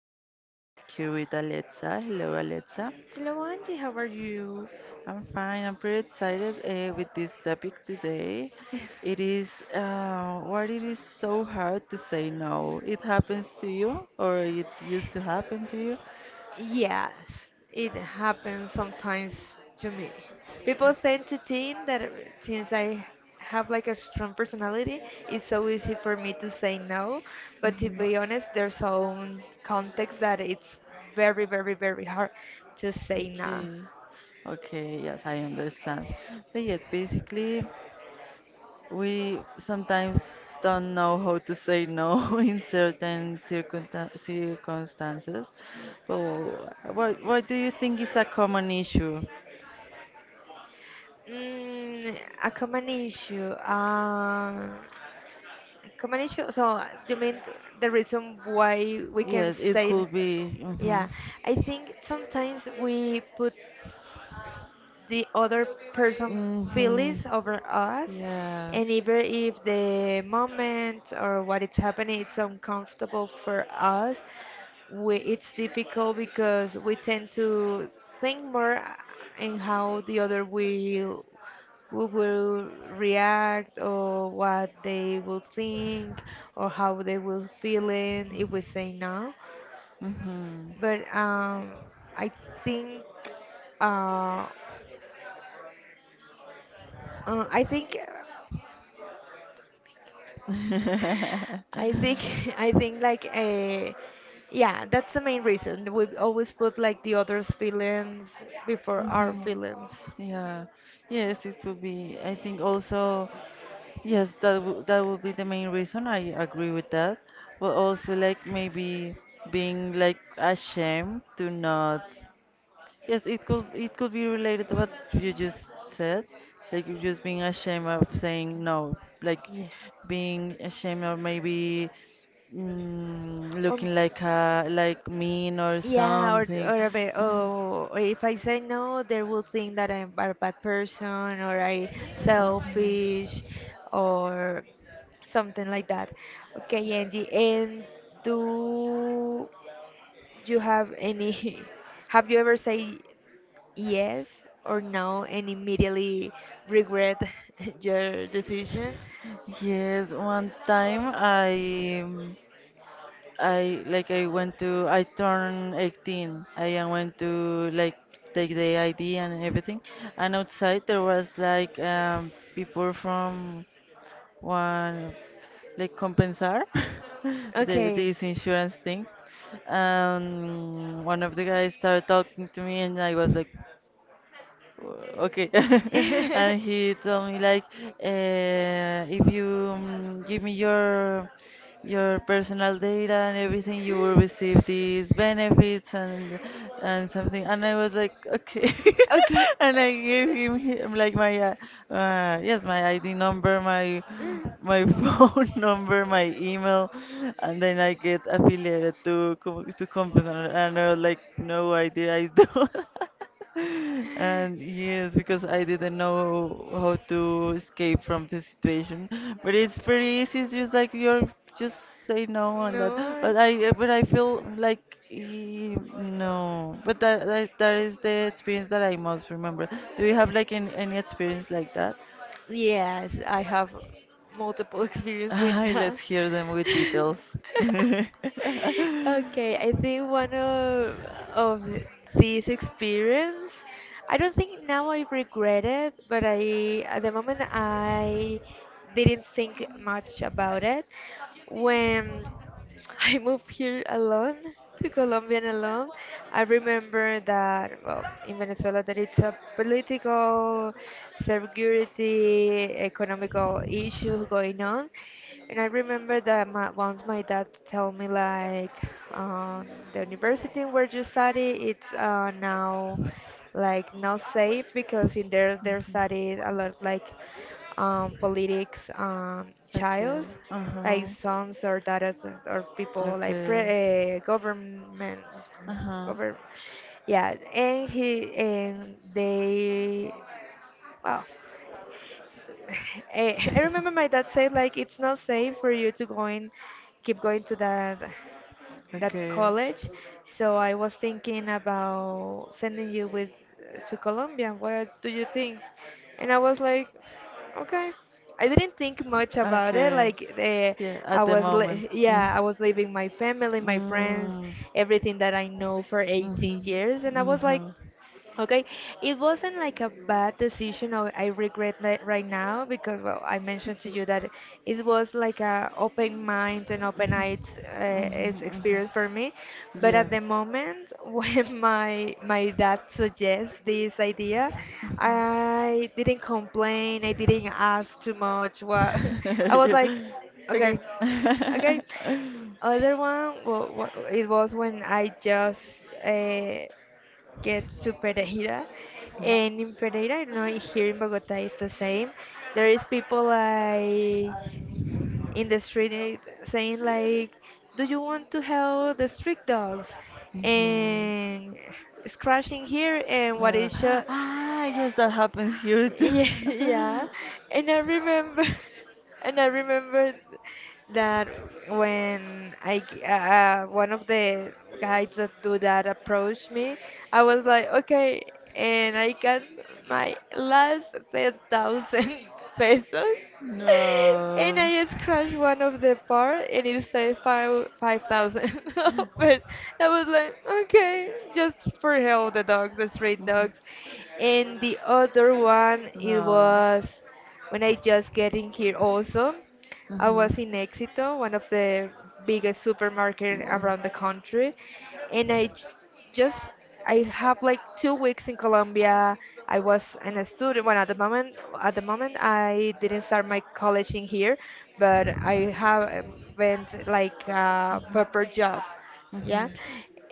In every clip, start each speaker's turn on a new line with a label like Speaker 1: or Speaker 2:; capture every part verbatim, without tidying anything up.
Speaker 1: is Angie. I'm here with Alexa. Hello Alexa.
Speaker 2: Hello, Angie, how are you?
Speaker 1: I'm fine. I'm pretty excited uh, with this topic today. It is uh, what it is so hard to say no. It happens to you, or it used to happen to you.
Speaker 2: Yes, it happens sometimes to me. People tend to think that uh, since I have like a strong personality, it's so easy for me to say no. But to
Speaker 1: Mhm.
Speaker 2: be honest, there's some context that it's very, very, very hard to say no.
Speaker 1: Okay. Okay, yes, I understand. But yes, basically, we sometimes don't know how to say no in certain circumta- circumstances, but what, what do you think is a common issue?
Speaker 2: Mm, a common issue. Uh, common issue. So you mean th- the reason why we can
Speaker 1: Yes, it
Speaker 2: say?
Speaker 1: could be. Mhm.
Speaker 2: Yeah, I think sometimes we put the other person feelings
Speaker 1: Mhm.
Speaker 2: over us,
Speaker 1: Yeah.
Speaker 2: and even if the moment or what is happening it's uncomfortable for us, we, it's difficult because we tend to think more in how the other will who will react or what they will think or how they will feel in if we say no
Speaker 1: Mm-hmm.
Speaker 2: but um, I think uh, uh, I think I think I think like uh, yeah, that's the main reason. We always put like the others' feelings before our
Speaker 1: Hmm.
Speaker 2: feelings.
Speaker 1: Yeah. Yes, it could be. I think also, yes, that w that would be the main reason. I agree with that. But also like maybe being like ashamed to not. Yes, it could it could be related to what you just said, like you just being ashamed of saying no, like
Speaker 2: Yeah.
Speaker 1: being ashamed or maybe mm,
Speaker 2: Um,
Speaker 1: looking like a like mean or
Speaker 2: yeah, or
Speaker 1: something.
Speaker 2: or, a bit,
Speaker 1: Uh-huh.
Speaker 2: oh, or if I say no, they will think that I'm a bad person or I selfish or something like that. Okay, Angie, and do you have any have you ever said yes or no and immediately regret your decision?
Speaker 1: Yes, one time I um, I like I went to I turned eighteen. I uh, went to like take the I D and everything. And outside there was like um, people from one like compensar the,
Speaker 2: Okay.
Speaker 1: this insurance thing. Um, one of the guys started talking to me and I was like, okay, and he told me like uh, if you mm, give me your your personal data and everything, you will receive these benefits and and something, and I was like okay
Speaker 2: Okay.
Speaker 1: and I gave him hi- like my uh, uh, yes, my ID number, my my
Speaker 2: Uh,
Speaker 1: phone number, my email, and then I get affiliated to co- to company and I was like, no idea, I don't. And yes, because I didn't know how to escape from the situation. But it's pretty easy. It's just like you're just say no on that.
Speaker 2: No.
Speaker 1: But I uh, but I feel like eh, no. But that, that that is the experience that I most remember. Do you have like any, any experience like that?
Speaker 2: Yes, I have multiple experience with
Speaker 1: Ay, let's
Speaker 2: that.
Speaker 1: hear them with details.
Speaker 2: Okay, I think one of of th- this experience, I don't think now I regret it, but I at the moment I didn't think much about it when. I moved here alone to Colombia and alone. I remember that, well, in Venezuela, that it's a political, security, economical issue going on. And I remember that my, once my dad told me, like, um, the university where you study, it's uh, now like not safe because in there they're studied a lot like um, politics um,
Speaker 1: Okay.
Speaker 2: child like
Speaker 1: Uh-huh.
Speaker 2: songs or data or people like
Speaker 1: Okay.
Speaker 2: pre, uh, governments,
Speaker 1: Uh-huh.
Speaker 2: govern, yeah, and he and they, well, I, I remember my dad said like it's not safe for you to go in, keep going to that that
Speaker 1: Okay.
Speaker 2: college. So I was thinking about sending you with to Colombia. What do you think? And I was like, okay. I didn't think much about it.
Speaker 1: Okay.
Speaker 2: Like uh,
Speaker 1: Yeah,
Speaker 2: I
Speaker 1: at the
Speaker 2: was,
Speaker 1: moment.
Speaker 2: li
Speaker 1: Mm.
Speaker 2: yeah, I was leaving my family, my friends,
Speaker 1: Mm.
Speaker 2: everything that I know for eighteen
Speaker 1: Mhm.
Speaker 2: years, and I was like,
Speaker 1: Mhm.
Speaker 2: okay, it wasn't like a bad decision or I regret that right now because well I mentioned to you that it was like a open mind and open eyes uh, ex-
Speaker 1: Mhm. Mhm.
Speaker 2: experience for me but
Speaker 1: Yeah.
Speaker 2: at the moment when my my dad suggests this idea
Speaker 1: Mhm.
Speaker 2: I didn't complain I didn't ask too much what I was like
Speaker 1: Yeah. Okay.
Speaker 2: okay okay other one well, it was when I just uh, gets to Pereira. And in Pereira, I don't know, if here in Bogota, it's the same. There is people like in the street eh, saying like, "Do you want to help the street dogs?"
Speaker 1: Mhm.
Speaker 2: And scratching here, and what
Speaker 1: Uh,
Speaker 2: is show?
Speaker 1: ah, yes, that happens here too.
Speaker 2: Yeah, yeah. And I remember, and I remember that when I g- uh, uh, one of the guys that do that approached me, I was like, okay, and I got my last ten thousand pesos and
Speaker 1: No.
Speaker 2: I just crashed one of the bar and it said five five thousand. But I was like, okay, just for help the dogs, the street
Speaker 1: Mhm.
Speaker 2: dogs. And the other one it
Speaker 1: No.
Speaker 2: was when I just get in here also. I
Speaker 1: Mhm.
Speaker 2: was in Éxito, one of the biggest supermarket
Speaker 1: Mm-mm.
Speaker 2: around the country, and I j- just I have like two weeks in Colombia. I was an a student. Well, at the moment, at the moment, I didn't start my college in here, but I have um, went like a proper job yeah
Speaker 1: Mhm.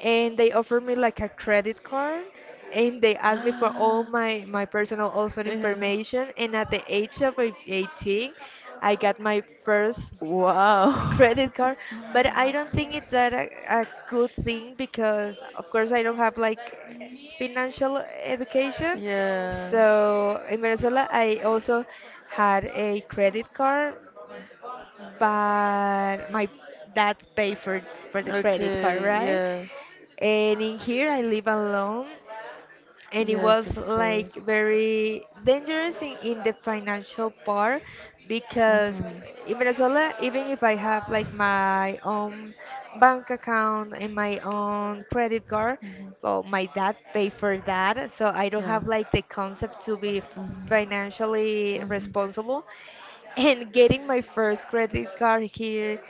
Speaker 2: and they offered me like a credit card and they asked me for all
Speaker 1: Ah,
Speaker 2: my my personal also
Speaker 1: yeah.
Speaker 2: information and at the age of like, eighteen I got my first
Speaker 1: Wow.
Speaker 2: credit card but I don't think it's that a, a good thing because of course I don't have like financial education
Speaker 1: Yeah.
Speaker 2: so in Venezuela I also had a credit card but my dad paid for for the credit card
Speaker 1: Okay,
Speaker 2: right
Speaker 1: yeah.
Speaker 2: and in here I live alone and it
Speaker 1: Yes,
Speaker 2: was
Speaker 1: of course.
Speaker 2: like very dangerous in, in the financial part because
Speaker 1: Mhm.
Speaker 2: in Venezuela even if I have like my own bank account and my own credit card
Speaker 1: Mhm.
Speaker 2: well my dad paid for that so I don't
Speaker 1: Yeah.
Speaker 2: have like the concept to be financially
Speaker 1: Mhm. Mhm.
Speaker 2: responsible and getting my first credit card here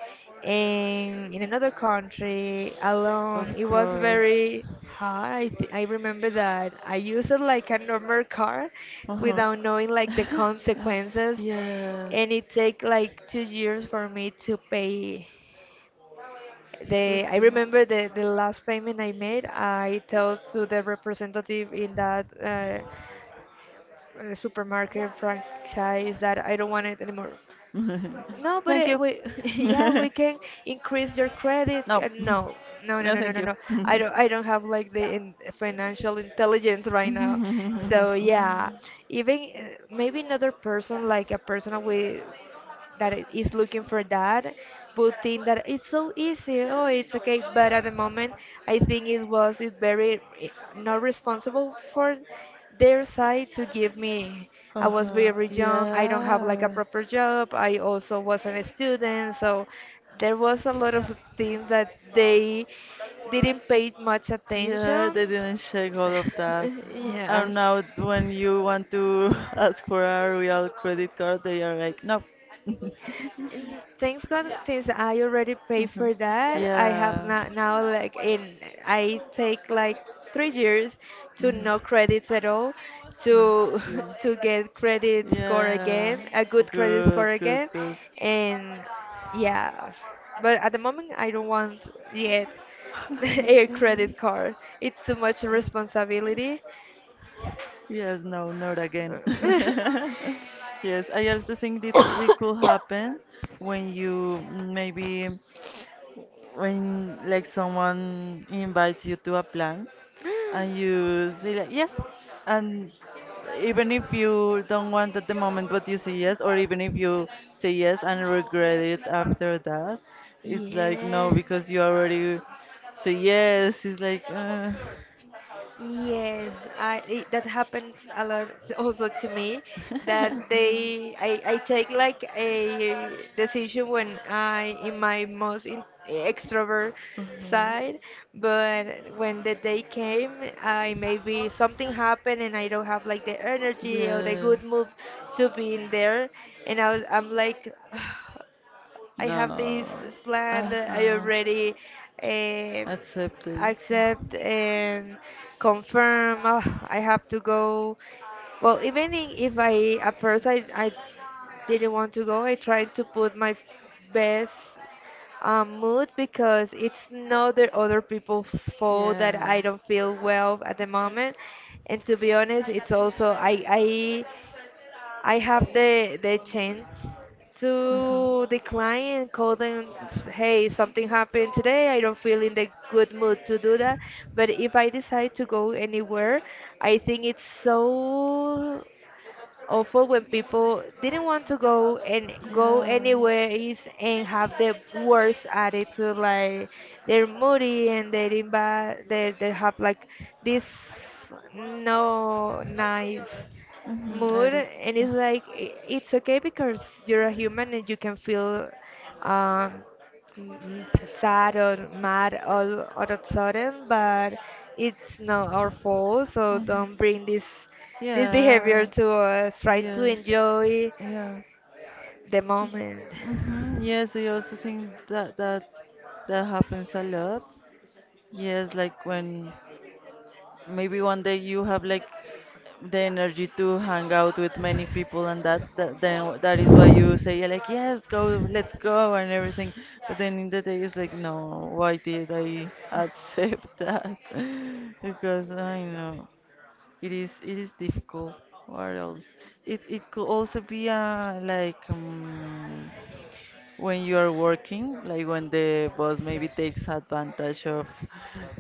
Speaker 2: and in another country alone
Speaker 1: Of
Speaker 2: it was
Speaker 1: course.
Speaker 2: very hard I, th- I remember that I used it like a normal card,
Speaker 1: Uh-huh.
Speaker 2: without knowing like the consequences
Speaker 1: Yeah.
Speaker 2: and it take like two years for me to pay the I
Speaker 1: Okay.
Speaker 2: remember the, the last payment I made I told to the representative in that uh, uh, supermarket franchise that I don't want it anymore no, but
Speaker 1: Thank
Speaker 2: it,
Speaker 1: you.
Speaker 2: we, yeah, we can increase your credit.
Speaker 1: No.
Speaker 2: Uh, no, no, no,
Speaker 1: No,
Speaker 2: no, no,
Speaker 1: thank
Speaker 2: no,
Speaker 1: you.
Speaker 2: no. I don't, I don't have like the in financial intelligence right now. So yeah, even uh, maybe another person, like a person with that I- is looking for that would think that it's so easy, oh, it's okay. But at the moment, I think it was it very eh, not responsible for their side to give me. I was
Speaker 1: Uh-huh.
Speaker 2: very young. I don't have like a
Speaker 1: Yeah.
Speaker 2: proper job. I also wasn't a student, so there was a lot of things that they didn't pay much
Speaker 1: Yeah,
Speaker 2: attention.
Speaker 1: they didn't check all of that.
Speaker 2: Yeah.
Speaker 1: And now when you want to ask for a real credit card, they are like, no.
Speaker 2: Mm, thanks God, since I already paid
Speaker 1: Uh-huh.
Speaker 2: for that, I have
Speaker 1: Yeah.
Speaker 2: not now like in I take like three years to no
Speaker 1: Mhm.
Speaker 2: credits at all to
Speaker 1: Mm.
Speaker 2: to get credit score
Speaker 1: Yeah,
Speaker 2: again, a good credit
Speaker 1: good,
Speaker 2: score
Speaker 1: good,
Speaker 2: again,
Speaker 1: good.
Speaker 2: and yeah, but at the moment I don't want yet a credit card. It's too much responsibility.
Speaker 1: Yes, no, not again. Yes, I also think that it could happen when you maybe when like someone invites you to a plan and you say like yes, and even if you don't want at the moment, but you say yes, or even if you say yes and regret it after that, it's like
Speaker 2: Yeah.
Speaker 1: no because you already say yes, it's like uh,
Speaker 2: Yes, I it, that happens a lot also to me that they I, I take like a decision when I in my most in, extrovert
Speaker 1: hmm.
Speaker 2: side, but when the day came, I maybe something happened and I don't have like the energy or the
Speaker 1: Yeah.
Speaker 2: good mood to be in there, and I was I'm like I have
Speaker 1: No.
Speaker 2: this plan
Speaker 1: Uh
Speaker 2: that I
Speaker 1: huh.
Speaker 2: already um,
Speaker 1: Accepted.
Speaker 2: accept and confirm. Ah, I have to go. Well, even I- if I at first I, I didn't want to go, I tried to put my f- best um, mood because it's not the other people's fault that
Speaker 1: Yeah. Yeah.
Speaker 2: I don't feel well at the moment. And to be honest, it's also I I I have the the chance to decline and call them, hey, something happened today. I don't feel in the good mood to do that. But if I decide to go anywhere, I think it's so awful when people didn't want to go and
Speaker 1: Mhm.
Speaker 2: go anywhere is and
Speaker 1: Yeah.
Speaker 2: have the worst attitude like they're moody and they're in bad they, they have like this no nice
Speaker 1: Mhm, I
Speaker 2: mood
Speaker 1: already-
Speaker 2: and
Speaker 1: uh.
Speaker 2: it's like I- it's okay because you're a human and you can feel um mm, sad or mad all all of a sudden but it's not our fault so
Speaker 1: Mhm.
Speaker 2: don't bring this this behavior
Speaker 1: Yeah.
Speaker 2: to us, try to
Speaker 1: Yeah.
Speaker 2: enjoy
Speaker 1: Yeah.
Speaker 2: the moment.
Speaker 1: Mm-hmm. Yes, I also think that that that happens a lot. Yes, like when maybe one day you have like the energy to hang out with many people, and that, that then that is why you say yeah, like yes, go, let's go and everything, but then in the day it's like, no, why did I accept that? Because I know it is it is difficult. What else, it it could also be a like um, when you are working, like when the boss maybe takes advantage of,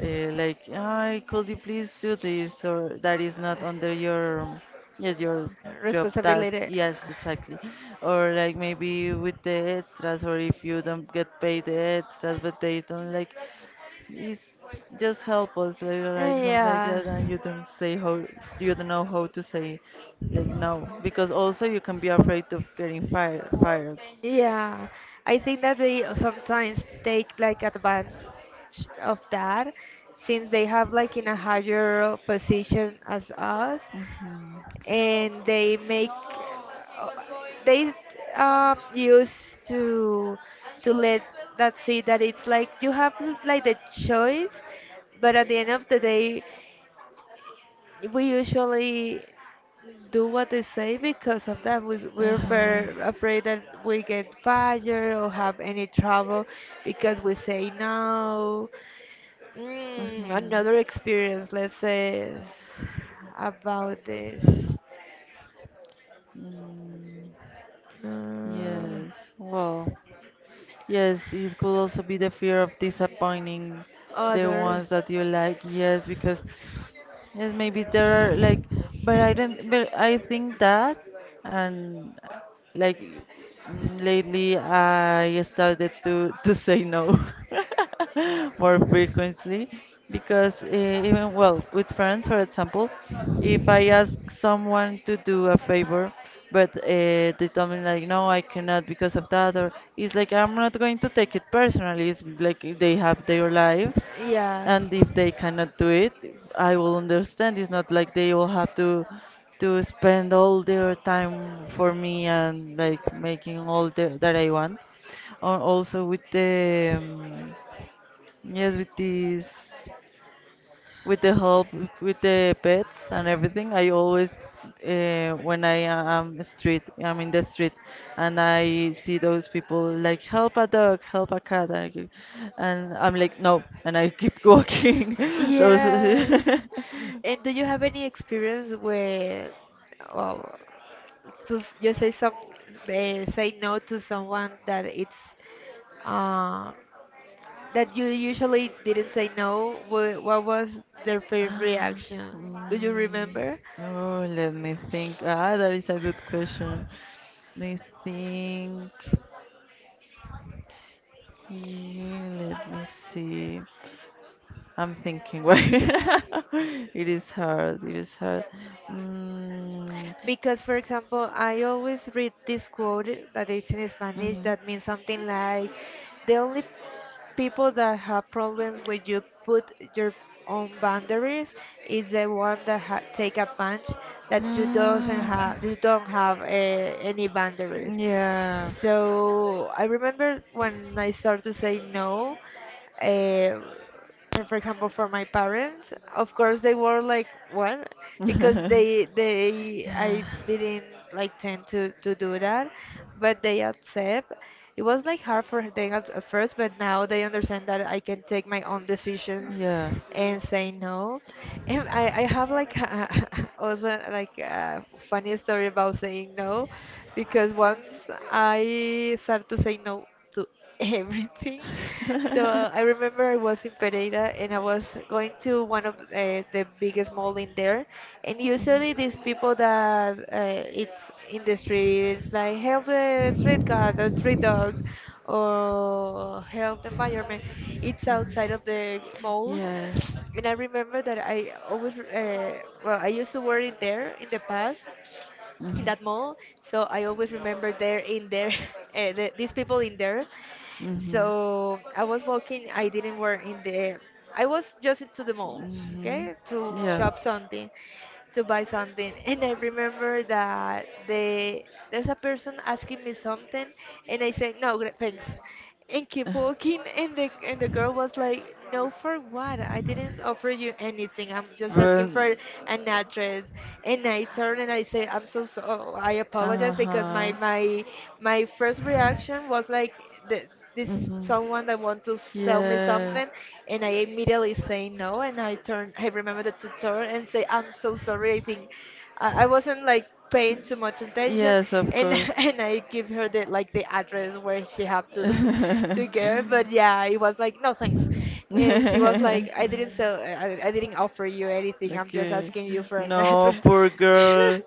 Speaker 1: uh, like, I could you please do this or that is not under your, yes, your job task.
Speaker 2: Responsibility.
Speaker 1: Yes, exactly. Or like maybe with the extras, or if you don't get paid the extras, but they don't like, it's just help us, like,
Speaker 2: Uh,
Speaker 1: like something like
Speaker 2: Yeah.
Speaker 1: that, and you don't say how, you don't know how to say, like no, because also you can be afraid of getting fired, fired.
Speaker 2: Yeah, I think that they sometimes take like advantage of that since they have like in a higher position as us
Speaker 1: Mm-hmm.
Speaker 2: and they make uh, they um used to to let that see that it's like you have like the choice but at the end of the day we usually do what they say because of that. We, we're
Speaker 1: Uh-huh.
Speaker 2: fair, afraid that we get fired or have any trouble because we say no. Mm,
Speaker 1: Mm-hmm.
Speaker 2: another experience, let's say, is about this.
Speaker 1: Mm,
Speaker 2: Um,
Speaker 1: yes. Well, yes, it could also be the fear of disappointing the
Speaker 2: Other.
Speaker 1: ones that you like. Yes, because yes, maybe there are like, but I don't, but I think that, and uh, like mm, lately I started to to say no more frequently because uh, even well with friends, for example, if I ask someone to do a favor, but uh, they tell me like, no, I cannot because of that, or it's like I'm not going to take it personally. It's like they have their lives,
Speaker 2: Yes.
Speaker 1: and if they cannot do it, I will understand. It's not like they will have to to spend all their time for me and like making all the, that I want. Or also with the um, yes, with this with the help with the pets and everything, I always uh, when i am street I'm in the street and I see those people like help a dog, help a cat, and I keep- and I'm like no, and I keep walking those
Speaker 2: Yes. And do you have any experience where, well, to, you say some, uh, say no to someone that it's uh, that you usually didn't say no, wha- what was their first reaction?
Speaker 1: Mm,
Speaker 2: Do you remember?
Speaker 1: oh, let me think. Ah, that is a good question. Let me think. Yeah, let me see. I'm thinking, why. It is hard. It is hard. Mm,
Speaker 2: Because, for example, I always read this quote that it's in Spanish
Speaker 1: mhm.
Speaker 2: that means something like the only people that have problems when you put your own boundaries is the one that ha take advantage that you doesn't have you don't have uh, any boundaries.
Speaker 1: Mm, yeah.
Speaker 2: So I remember when I started to say no. Uh, for, for example for my parents of course they were like what because they they
Speaker 1: Yeah.
Speaker 2: I didn't like tend to to do that but they accept it was like hard for them at, at first but now they understand that I can take my own decisions
Speaker 1: Yeah.
Speaker 2: and say no and i i have like also like a funny story about saying no because once I started to say no to to everything. So I remember I was in Pereira and I was going to one of uh, the biggest mall in there, and usually these people that uh, it's in the street like help the street cat, the street dogs, or help the environment. It's outside of the malls.
Speaker 1: Yeah.
Speaker 2: And I remember that I always, uh, well, I used to work in there in the past, in
Speaker 1: Mhm.
Speaker 2: that mall. So I always remember there in there, uh, the, these people in there. So I was walking. I didn't work in the. I was just to the
Speaker 1: Mhm.
Speaker 2: mall,
Speaker 1: Hmm.
Speaker 2: okay, to
Speaker 1: Yeah.
Speaker 2: shop something, to buy something. And I remember that the there's a person asking me something, and I said no, gra- thanks, and keep walking. And the and the girl was like, no, for what? I didn't offer you anything. I'm just
Speaker 1: But,
Speaker 2: asking for an address, and I turn and I say, I'm so so I apologize because my
Speaker 1: uh-huh.
Speaker 2: my my first reaction was like this this is
Speaker 1: Hmm.
Speaker 2: someone that want to sell me
Speaker 1: Yeah.
Speaker 2: something, and I immediately say no and I turn. I remember the tutor and say, I'm so sorry, I think I, I wasn't like paying too much attention,
Speaker 1: Yes, of
Speaker 2: and
Speaker 1: course.
Speaker 2: and I give her the like the address where she have to to get her. But yeah, it was like no thanks, and she was like, I didn't sell, I, I didn't offer you anything. I'm just
Speaker 1: Okay.
Speaker 2: asking you for an
Speaker 1: No,
Speaker 2: address.
Speaker 1: poor girl.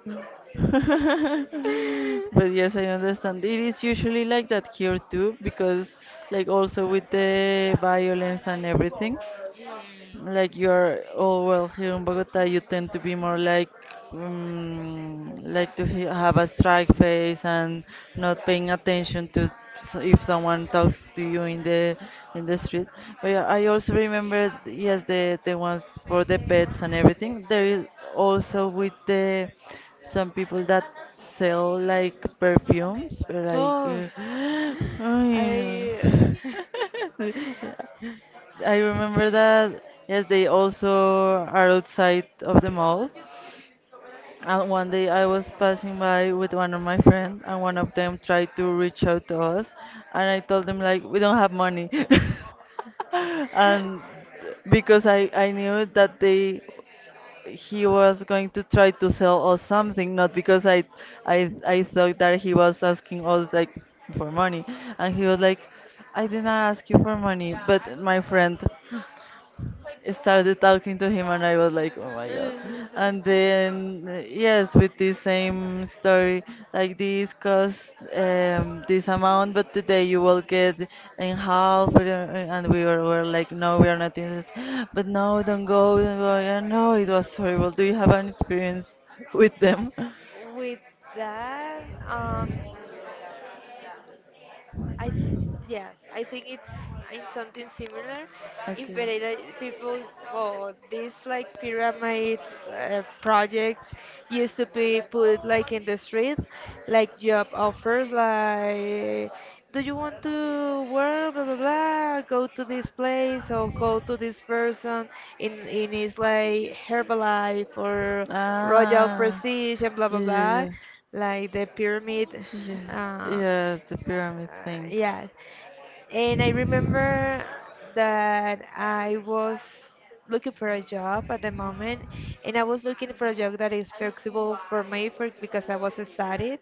Speaker 1: But yes, I understand. It is usually like that here too, because like also with the violence and everything. Like you are, oh well, here in Bogota, you tend to be
Speaker 2: Mm.
Speaker 1: more like, um, like to he- have a strike face and not paying attention to s- if someone talks to you in the in the street. But yeah, I also remember, yes, the the ones for the pets and everything. There is also with the some people that sell like perfumes, but
Speaker 2: Or that.
Speaker 1: like,
Speaker 2: Oh,
Speaker 1: uh,
Speaker 2: Mm.
Speaker 1: I know.
Speaker 2: I. Uh,
Speaker 1: I remember that, yes, they also are outside of the mall. And one day I was passing by with one of my friends, and one of them tried to reach out to us, and I told them like we don't have money, and because I I knew that they he was going to try to sell us something, not because I I I thought that he was asking us like for money, and he was like, I didn't ask you for money, but my friend started talking to him and I was like, oh my
Speaker 2: and
Speaker 1: god.
Speaker 2: and then the
Speaker 1: And
Speaker 2: same.
Speaker 1: then, uh, yes, with the same story, like this cost um, this amount, but today you will get in half. uh, And we were, were like, no, we are not in this. But no, don't go, don't go. Yeah, no, it was horrible. Do you have an experience with them?
Speaker 2: With that, um, I
Speaker 1: Yes,
Speaker 2: yes, I think it's in something similar. In Pereira, people or these like pyramids uh, projects used to be put like in the street, like job offers, like, do you want to work, blah blah blah, go to this place or go to this person in in his like Herbalife or Royal Prestige and blah blah blah,
Speaker 1: yeah,
Speaker 2: like the pyramid.
Speaker 1: yeah, yeah,
Speaker 2: Uh,
Speaker 1: yes, the pyramid
Speaker 2: uh,
Speaker 1: thing.
Speaker 2: yeah. And I remember that I was looking for a job at the moment, and I was looking for a job that is flexible for me for, because I was studying.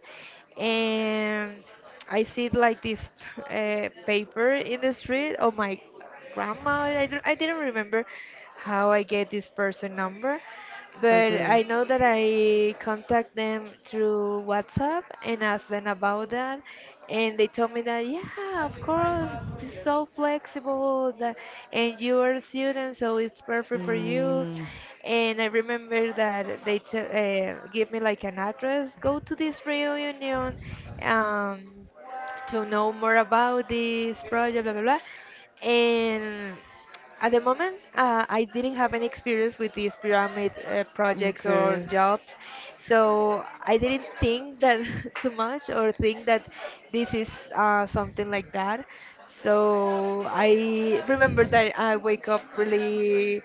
Speaker 2: And I see like this uh, paper in the street. Oh my, grandma. I, don't- I didn't remember how I get this person number, but I know that I contact them through WhatsApp and ask them about that. And they told me that, yeah, of course, this is so flexible, that, and you are a student, so it's perfect for you. And I remember that they t uh, give me like an address, go to this reunion. Um, to know more about this project, blah, blah, blah. And at the moment, uh, I didn't have any experience with these pyramid uh, projects or
Speaker 1: Okay.
Speaker 2: jobs, so I didn't think that too much or think that this is uh, something like that. So I remember that I wake up really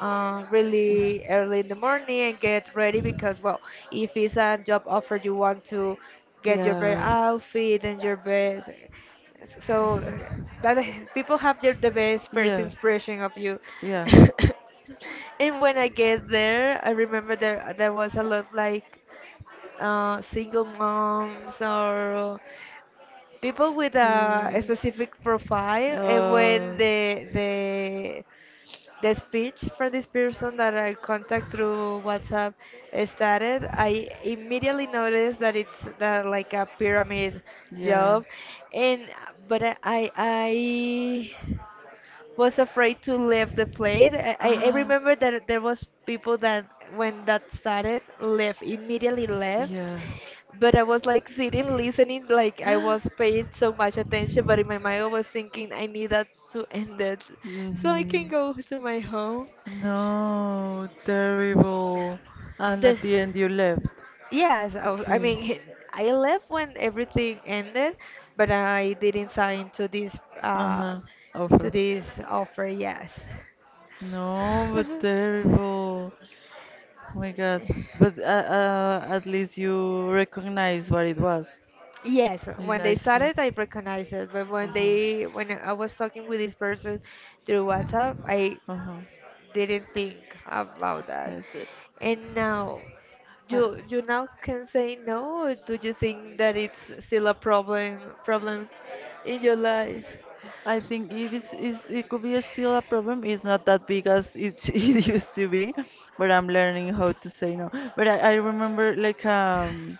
Speaker 2: uh, really early in the morning and get ready because, well, if it's a job offer, you want to get your best
Speaker 1: Yeah.
Speaker 2: outfit and your best. So uh,
Speaker 1: So
Speaker 2: that people have their, the best first
Speaker 1: yeah.
Speaker 2: impression of you.
Speaker 1: Yeah. Music.
Speaker 2: And when I get there, I remember there there was a lot like uh, single moms or people with a, a
Speaker 1: Okay.
Speaker 2: specific profile, and when
Speaker 1: Uh,
Speaker 2: the the the speech for this person that I contact through WhatsApp uh, started, I immediately noticed that it's that like a pyramid
Speaker 1: yeah.
Speaker 2: job, and but I I I was afraid to leave the place. I I I
Speaker 1: Ah.
Speaker 2: remember that there was people that when that started left immediately left,
Speaker 1: Yeah. So
Speaker 2: but I was like sitting, listening, like I was paying so much attention, but in my mind I was thinking I need that to end it
Speaker 1: I
Speaker 2: so I can
Speaker 1: mhm.
Speaker 2: go to my home.
Speaker 1: No, terrible. And
Speaker 2: The
Speaker 1: at the end you left.
Speaker 2: yes, I,
Speaker 1: Yeah,
Speaker 2: w- I
Speaker 1: okay.
Speaker 2: mean, he- I left when everything ended, but I didn't sign to this uh
Speaker 1: Uh-huh.
Speaker 2: to
Speaker 1: Over.
Speaker 2: this offer. Yes.
Speaker 1: No, but terrible. Oh my God. But uh, uh, at least you recognize what it was.
Speaker 2: Yes, when they
Speaker 1: Like
Speaker 2: started, I recognized it, but when they when I was talking with this person through WhatsApp, I
Speaker 1: uh-huh.
Speaker 2: didn't think about that.
Speaker 1: They when
Speaker 2: And now,
Speaker 1: uh-huh.
Speaker 2: you you
Speaker 1: Yes. uh, uh,
Speaker 2: now can say no, or do you think that it's still a problem problem in your life?
Speaker 1: I think it is, is it could be a still a problem. It's not that big as it, sh- it used to be, but I'm learning how to say no. But I, I remember like um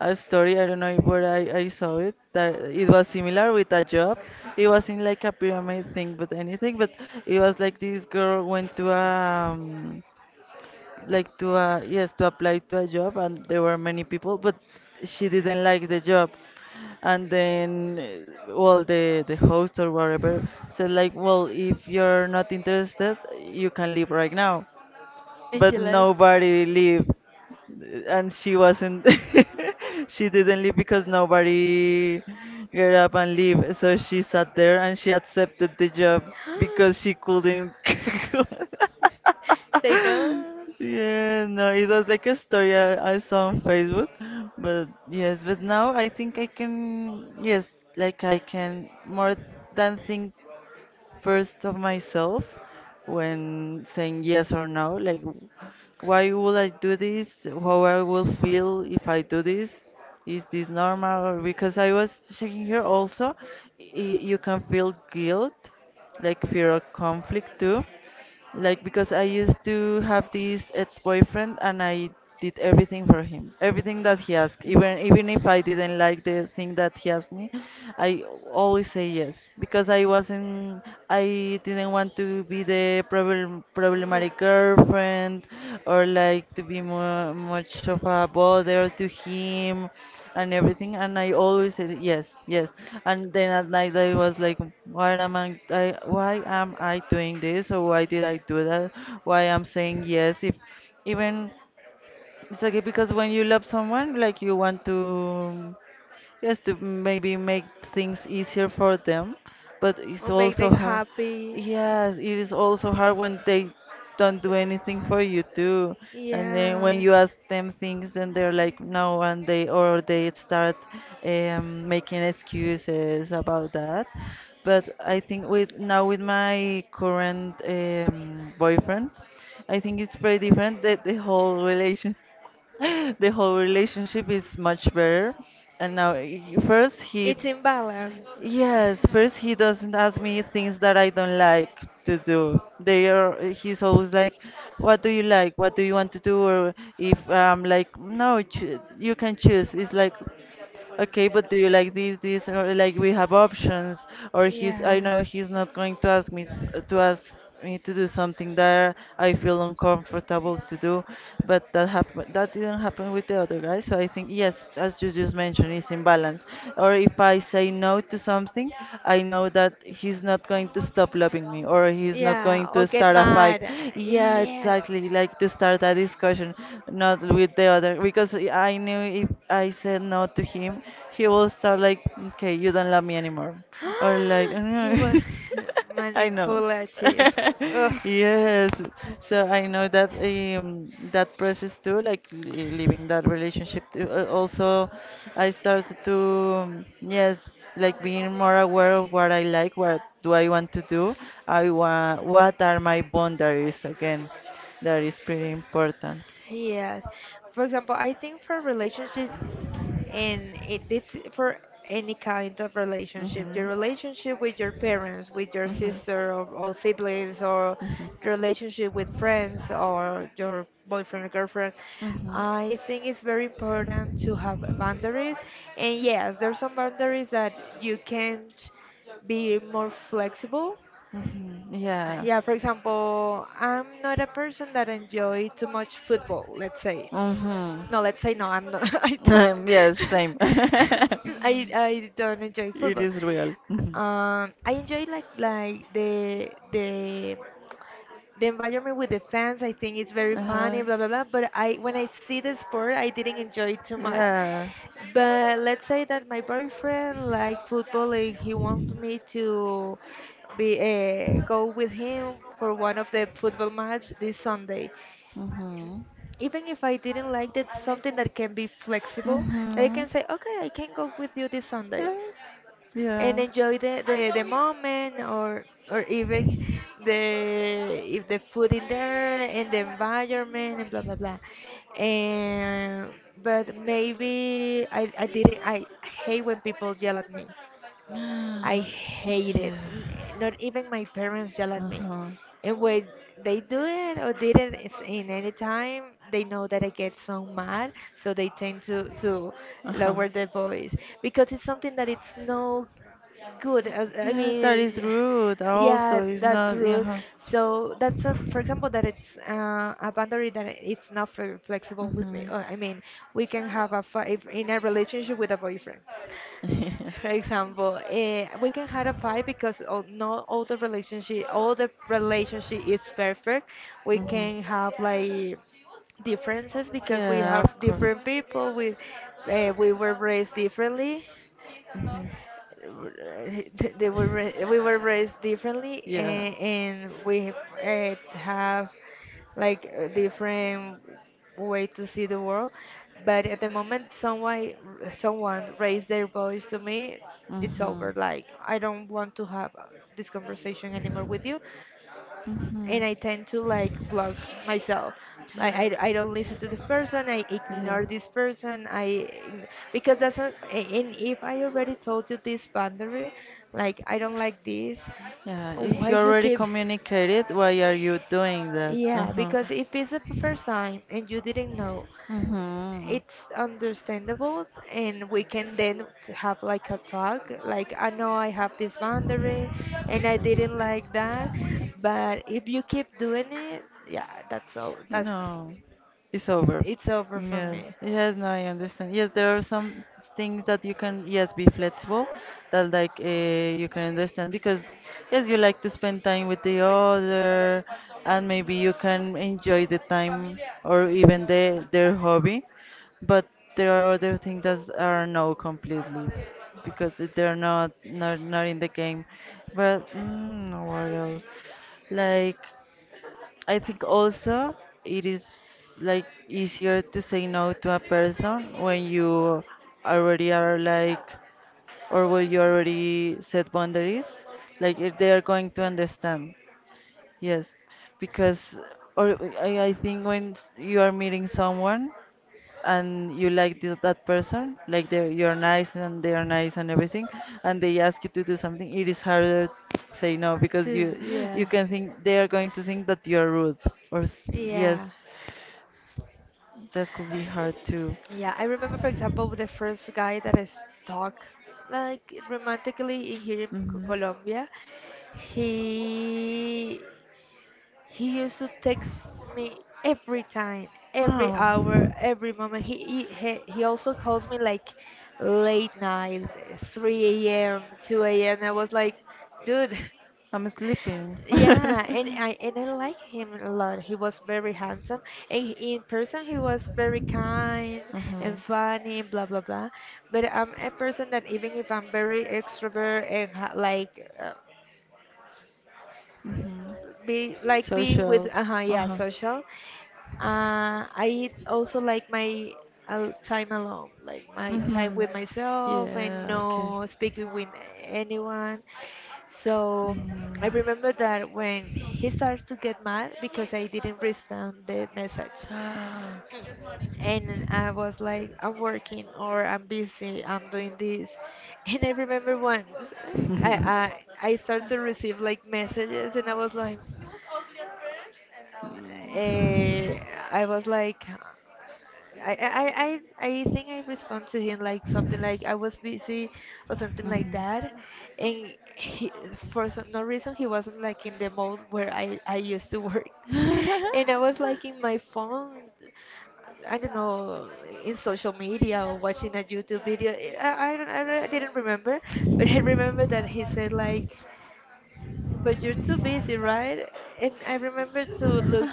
Speaker 1: a story. I don't know where I, I saw it. That it was similar with a job. It wasn't like a pyramid thing, but anything. But it was like this girl went to a, um like to a yes to apply to a job, and there were many people, but she didn't like the job. And then, uh, well, the the host or whatever said like, well, if you're not interested, you can leave right now,
Speaker 2: And she
Speaker 1: but
Speaker 2: left.
Speaker 1: nobody lived, and she wasn't she didn't leave because nobody get up and leave, so she sat there and she accepted the job because she couldn't
Speaker 2: Say no.
Speaker 1: yeah, no, it was like a story I, I saw on Facebook. But yes, but now I think I can, yes, like I can more than think first of myself when saying yes or no. Like, w- why would I do this? How I will feel if I do this? Is this normal? Or because I was checking here also, y- you can feel guilt, like fear of conflict too. Like, because I used to have this ex-boyfriend, and I did everything for him. Everything that he asked, even even if I didn't like the thing that he asked me, I always say yes because I wasn't I didn't want to be the problem
Speaker 2: Mm.
Speaker 1: problematic girlfriend girlfriend or like to be more much of a bother to him and everything. And I always said yes, yes. And then at night I was like, why am I, I why am I doing this, or why did I do that? Why I'm saying yes if even it's okay, because when you love someone, like you want to, yes, to maybe make things easier for them, but it's
Speaker 2: Or make
Speaker 1: also
Speaker 2: them
Speaker 1: hard.
Speaker 2: happy.
Speaker 1: Yes, it is also hard when they don't do anything for you too. And then when
Speaker 2: Yes.
Speaker 1: you ask them things, then they're like no, and they or they start um, making excuses about that. But I think with now with my current um, boyfriend, I think it's very different that the whole relation. The whole relationship is much better. And now, he- first he,
Speaker 2: It's imbalance.
Speaker 1: yes, first he doesn't ask me things that I don't like to do. They are, he's always like, what do you like? What do you want to do? Or if I'm like, no, choo- you can choose. It's like, okay, but do you like this, this, or like we have options, or he's, I know he's not going to ask me s- to ask me to do something that I feel uncomfortable to do, but that happened, that didn't happen with the other guy. So I think yes, as you just mentioned, it's imbalance. Or if I say no to something, I know that he's not going to stop loving me, or he's not going to start a fight. Yeah, exactly, like to start a discussion, not with the other, because I knew if I said no to him, he will start like, okay, you don't love me anymore. Or like,
Speaker 2: He was
Speaker 1: "Mm, I know."
Speaker 2: manipulative. Ugh.
Speaker 1: Yes. So I know that um, that process too, like li- leaving that relationship too. Uh, Also, I started to, um, yes, like being more aware of what I like, what do I want to do, I want, what are my boundaries again. That is pretty important.
Speaker 2: Yes. For example, I think for relationships, and it this for any kind of relationship, your
Speaker 1: Mhm.
Speaker 2: relationship with your parents, with your
Speaker 1: Mhm.
Speaker 2: sister or, or siblings, or your relationship with friends or your boyfriend or girlfriend,
Speaker 1: Mhm.
Speaker 2: I think it's very important to have boundaries. And yes, there's some boundaries that you can't be more flexible.
Speaker 1: Mhm. Yeah.
Speaker 2: Yeah, for example, I'm not a person that enjoy too much football, let's say.
Speaker 1: Mhm.
Speaker 2: No, let's say no, I'm not. I don't.
Speaker 1: Yes, same.
Speaker 2: I I don't enjoy
Speaker 1: It
Speaker 2: football.
Speaker 1: is real. Mhm.
Speaker 2: Um, I enjoy like like the the the environment with the fans. I think is very
Speaker 1: Uh-huh.
Speaker 2: funny blah blah blah, but I when I see the sport I didn't enjoy it too much.
Speaker 1: Yeah.
Speaker 2: But let's say that my boyfriend like football and he wants me to be uh, go with him for one of the football match this Sunday.
Speaker 1: Mhm.
Speaker 2: Even if I didn't like that, something that can be flexible, that I
Speaker 1: Mhm.
Speaker 2: can say, okay, I can go with you this Sunday
Speaker 1: Yes.
Speaker 2: and
Speaker 1: Yeah.
Speaker 2: enjoy the, the, the moment or or even the if the food in there and the environment and blah blah blah and but maybe I, I didn't I hate when people yell at me. I hate it.
Speaker 1: Yeah.
Speaker 2: N- Not even my parents yell at
Speaker 1: Uh
Speaker 2: me.
Speaker 1: huh.
Speaker 2: And when they do it or did it is- in any time, they know that I get so mad, so they tend to to lower their voice because it's something that it's no good. as- I
Speaker 1: Yeah, that is
Speaker 2: mean,
Speaker 1: rude.
Speaker 2: yeah,
Speaker 1: Also, yeah, it's that's
Speaker 2: that's
Speaker 1: not rude.
Speaker 2: rude.
Speaker 1: Huh.
Speaker 2: So that's a, for example, that it's uh, a boundary that it's not fle- flexible with me.
Speaker 1: Hmm.
Speaker 2: Uh, I mean, we can have a fight in a relationship with a boyfriend
Speaker 1: So and
Speaker 2: for
Speaker 1: it's
Speaker 2: example, eh, we can have a fight because o- not all the relationship, all the relationship is perfect. We
Speaker 1: hmm.
Speaker 2: can have like differences because we
Speaker 1: Yeah,
Speaker 2: have
Speaker 1: of course.
Speaker 2: different people. We uh, we were raised differently,
Speaker 1: Mhm.
Speaker 2: uh, they were ra- we were raised differently,
Speaker 1: Yeah.
Speaker 2: and, and we uh, have like a different way to see the world, but at the moment someone someone raised their voice to me, it's over, like I don't want to
Speaker 1: Mhm.
Speaker 2: have this conversation anymore with you,
Speaker 1: Mhm.
Speaker 2: and I tend to like block myself. Like I, I don't
Speaker 1: Yeah.
Speaker 2: listen to this person. I ignore this person. I ign- because that's a, and if I already told you this boundary, like I don't like this.
Speaker 1: Yeah, if
Speaker 2: Why
Speaker 1: you
Speaker 2: you
Speaker 1: already
Speaker 2: keep?
Speaker 1: communicated, why are you doing that?
Speaker 2: Yeah,
Speaker 1: Uh-huh.
Speaker 2: because if it's the first time and you didn't know,
Speaker 1: Mm-hmm.
Speaker 2: it's understandable, and we can then t- have like a talk, like I know I have this boundary and I didn't like that, but if you keep doing it, yeah, that's all,
Speaker 1: No,
Speaker 2: that's
Speaker 1: no, it's over.
Speaker 2: it's over for
Speaker 1: Yes,
Speaker 2: me.
Speaker 1: yes, no, I understand. Yes, there are some things that you can, yes, be flexible, that like uh, you can understand because, yes, you like to spend time with the other, and maybe you can enjoy the time or even the their hobby, but there are other things that are no completely because they're not not not in the game. But mm, what else? Like. I think also it is like easier to say no to a person when you already are like or when you already set boundaries. Like if they are going to understand. Yes, because or I, I think when s- you are meeting someone and you like the, that person, like they you're nice and they are nice and everything, and they ask you to do something, it is harder to say no because you
Speaker 2: Just-
Speaker 1: you
Speaker 2: yeah.
Speaker 1: can think they are going to think that you are rude or s- yes,
Speaker 2: Yeah.
Speaker 1: that could be hard too.
Speaker 2: Yeah, I remember, for example, with the first guy that I stalked, like romantically in here in Co-
Speaker 1: Hmm.
Speaker 2: Colombia, he he used to text me every time, every hour, every moment. He he he he also calls me like late night, three a m, two a m. I was like, dude.
Speaker 1: I'm sleeping. I,
Speaker 2: Yeah,
Speaker 1: I,
Speaker 2: and
Speaker 1: you
Speaker 2: I and I like him a lot. He was very handsome, and he- in person he was very kind and funny, blah blah blah. But I'm a person that even if I'm very extrovert and ha like uh,
Speaker 1: hmm.
Speaker 2: be like being with uh yeah social, uh, I also like my uh, time alone, like my time with myself and
Speaker 1: Yeah.
Speaker 2: no speaking with anyone. So I remember that when he starts to get mad because I didn't respond the message,
Speaker 1: Ah.
Speaker 2: and I was like, I'm working or I'm busy, I'm doing this. And I remember once I I, I started to receive like messages and I was like, uh, I was like, I, I, I, I I think I respond to him like something like I was busy or something like that, and he, for some no reason he wasn't like in the mode where I, I used to work,
Speaker 1: Mhm.
Speaker 2: and I was like in my phone, I don't know, in social media or watching a YouTube video. I, I don't, I don't- I didn't remember, but I remember that he said like. But you're too busy, right? And I remember to look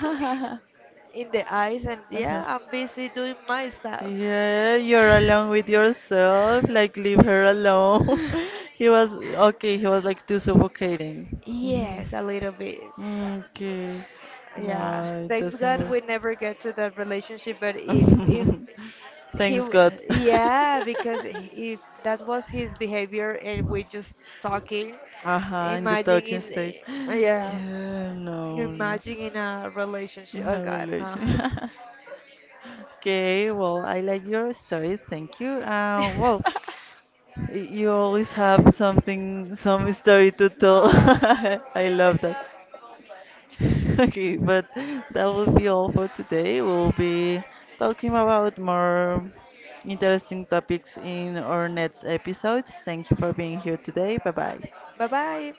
Speaker 2: in the eyes and
Speaker 1: Mhm.
Speaker 2: yeah, I'm busy doing my stuff.
Speaker 1: Yeah, you're alone with yourself. Like, leave her alone. He was okay. He was like too suffocating.
Speaker 2: Yes,
Speaker 1: Mhm.
Speaker 2: a little bit.
Speaker 1: Okay.
Speaker 2: Yeah.
Speaker 1: No, it
Speaker 2: Thanks
Speaker 1: doesn't
Speaker 2: God we
Speaker 1: work.
Speaker 2: never get to that relationship, but if if he
Speaker 1: Thanks
Speaker 2: w-
Speaker 1: God.
Speaker 2: yeah, because he- if that was his behavior and we just talking,
Speaker 1: Uh-huh, in the
Speaker 2: imagine
Speaker 1: talking
Speaker 2: in
Speaker 1: stage.
Speaker 2: yeah,
Speaker 1: Yeah, no, no.
Speaker 2: imagine in a relationship.
Speaker 1: In
Speaker 2: Oh
Speaker 1: a
Speaker 2: God, no.
Speaker 1: relation. Okay, well, I like your stories. Thank you. Uh, well, y- you always have something, some story to tell. I love that. Okay, but that will be all for today. We'll be talking about more interesting topics in our next episode. Thank you for being here today. Bye bye.
Speaker 2: Bye bye.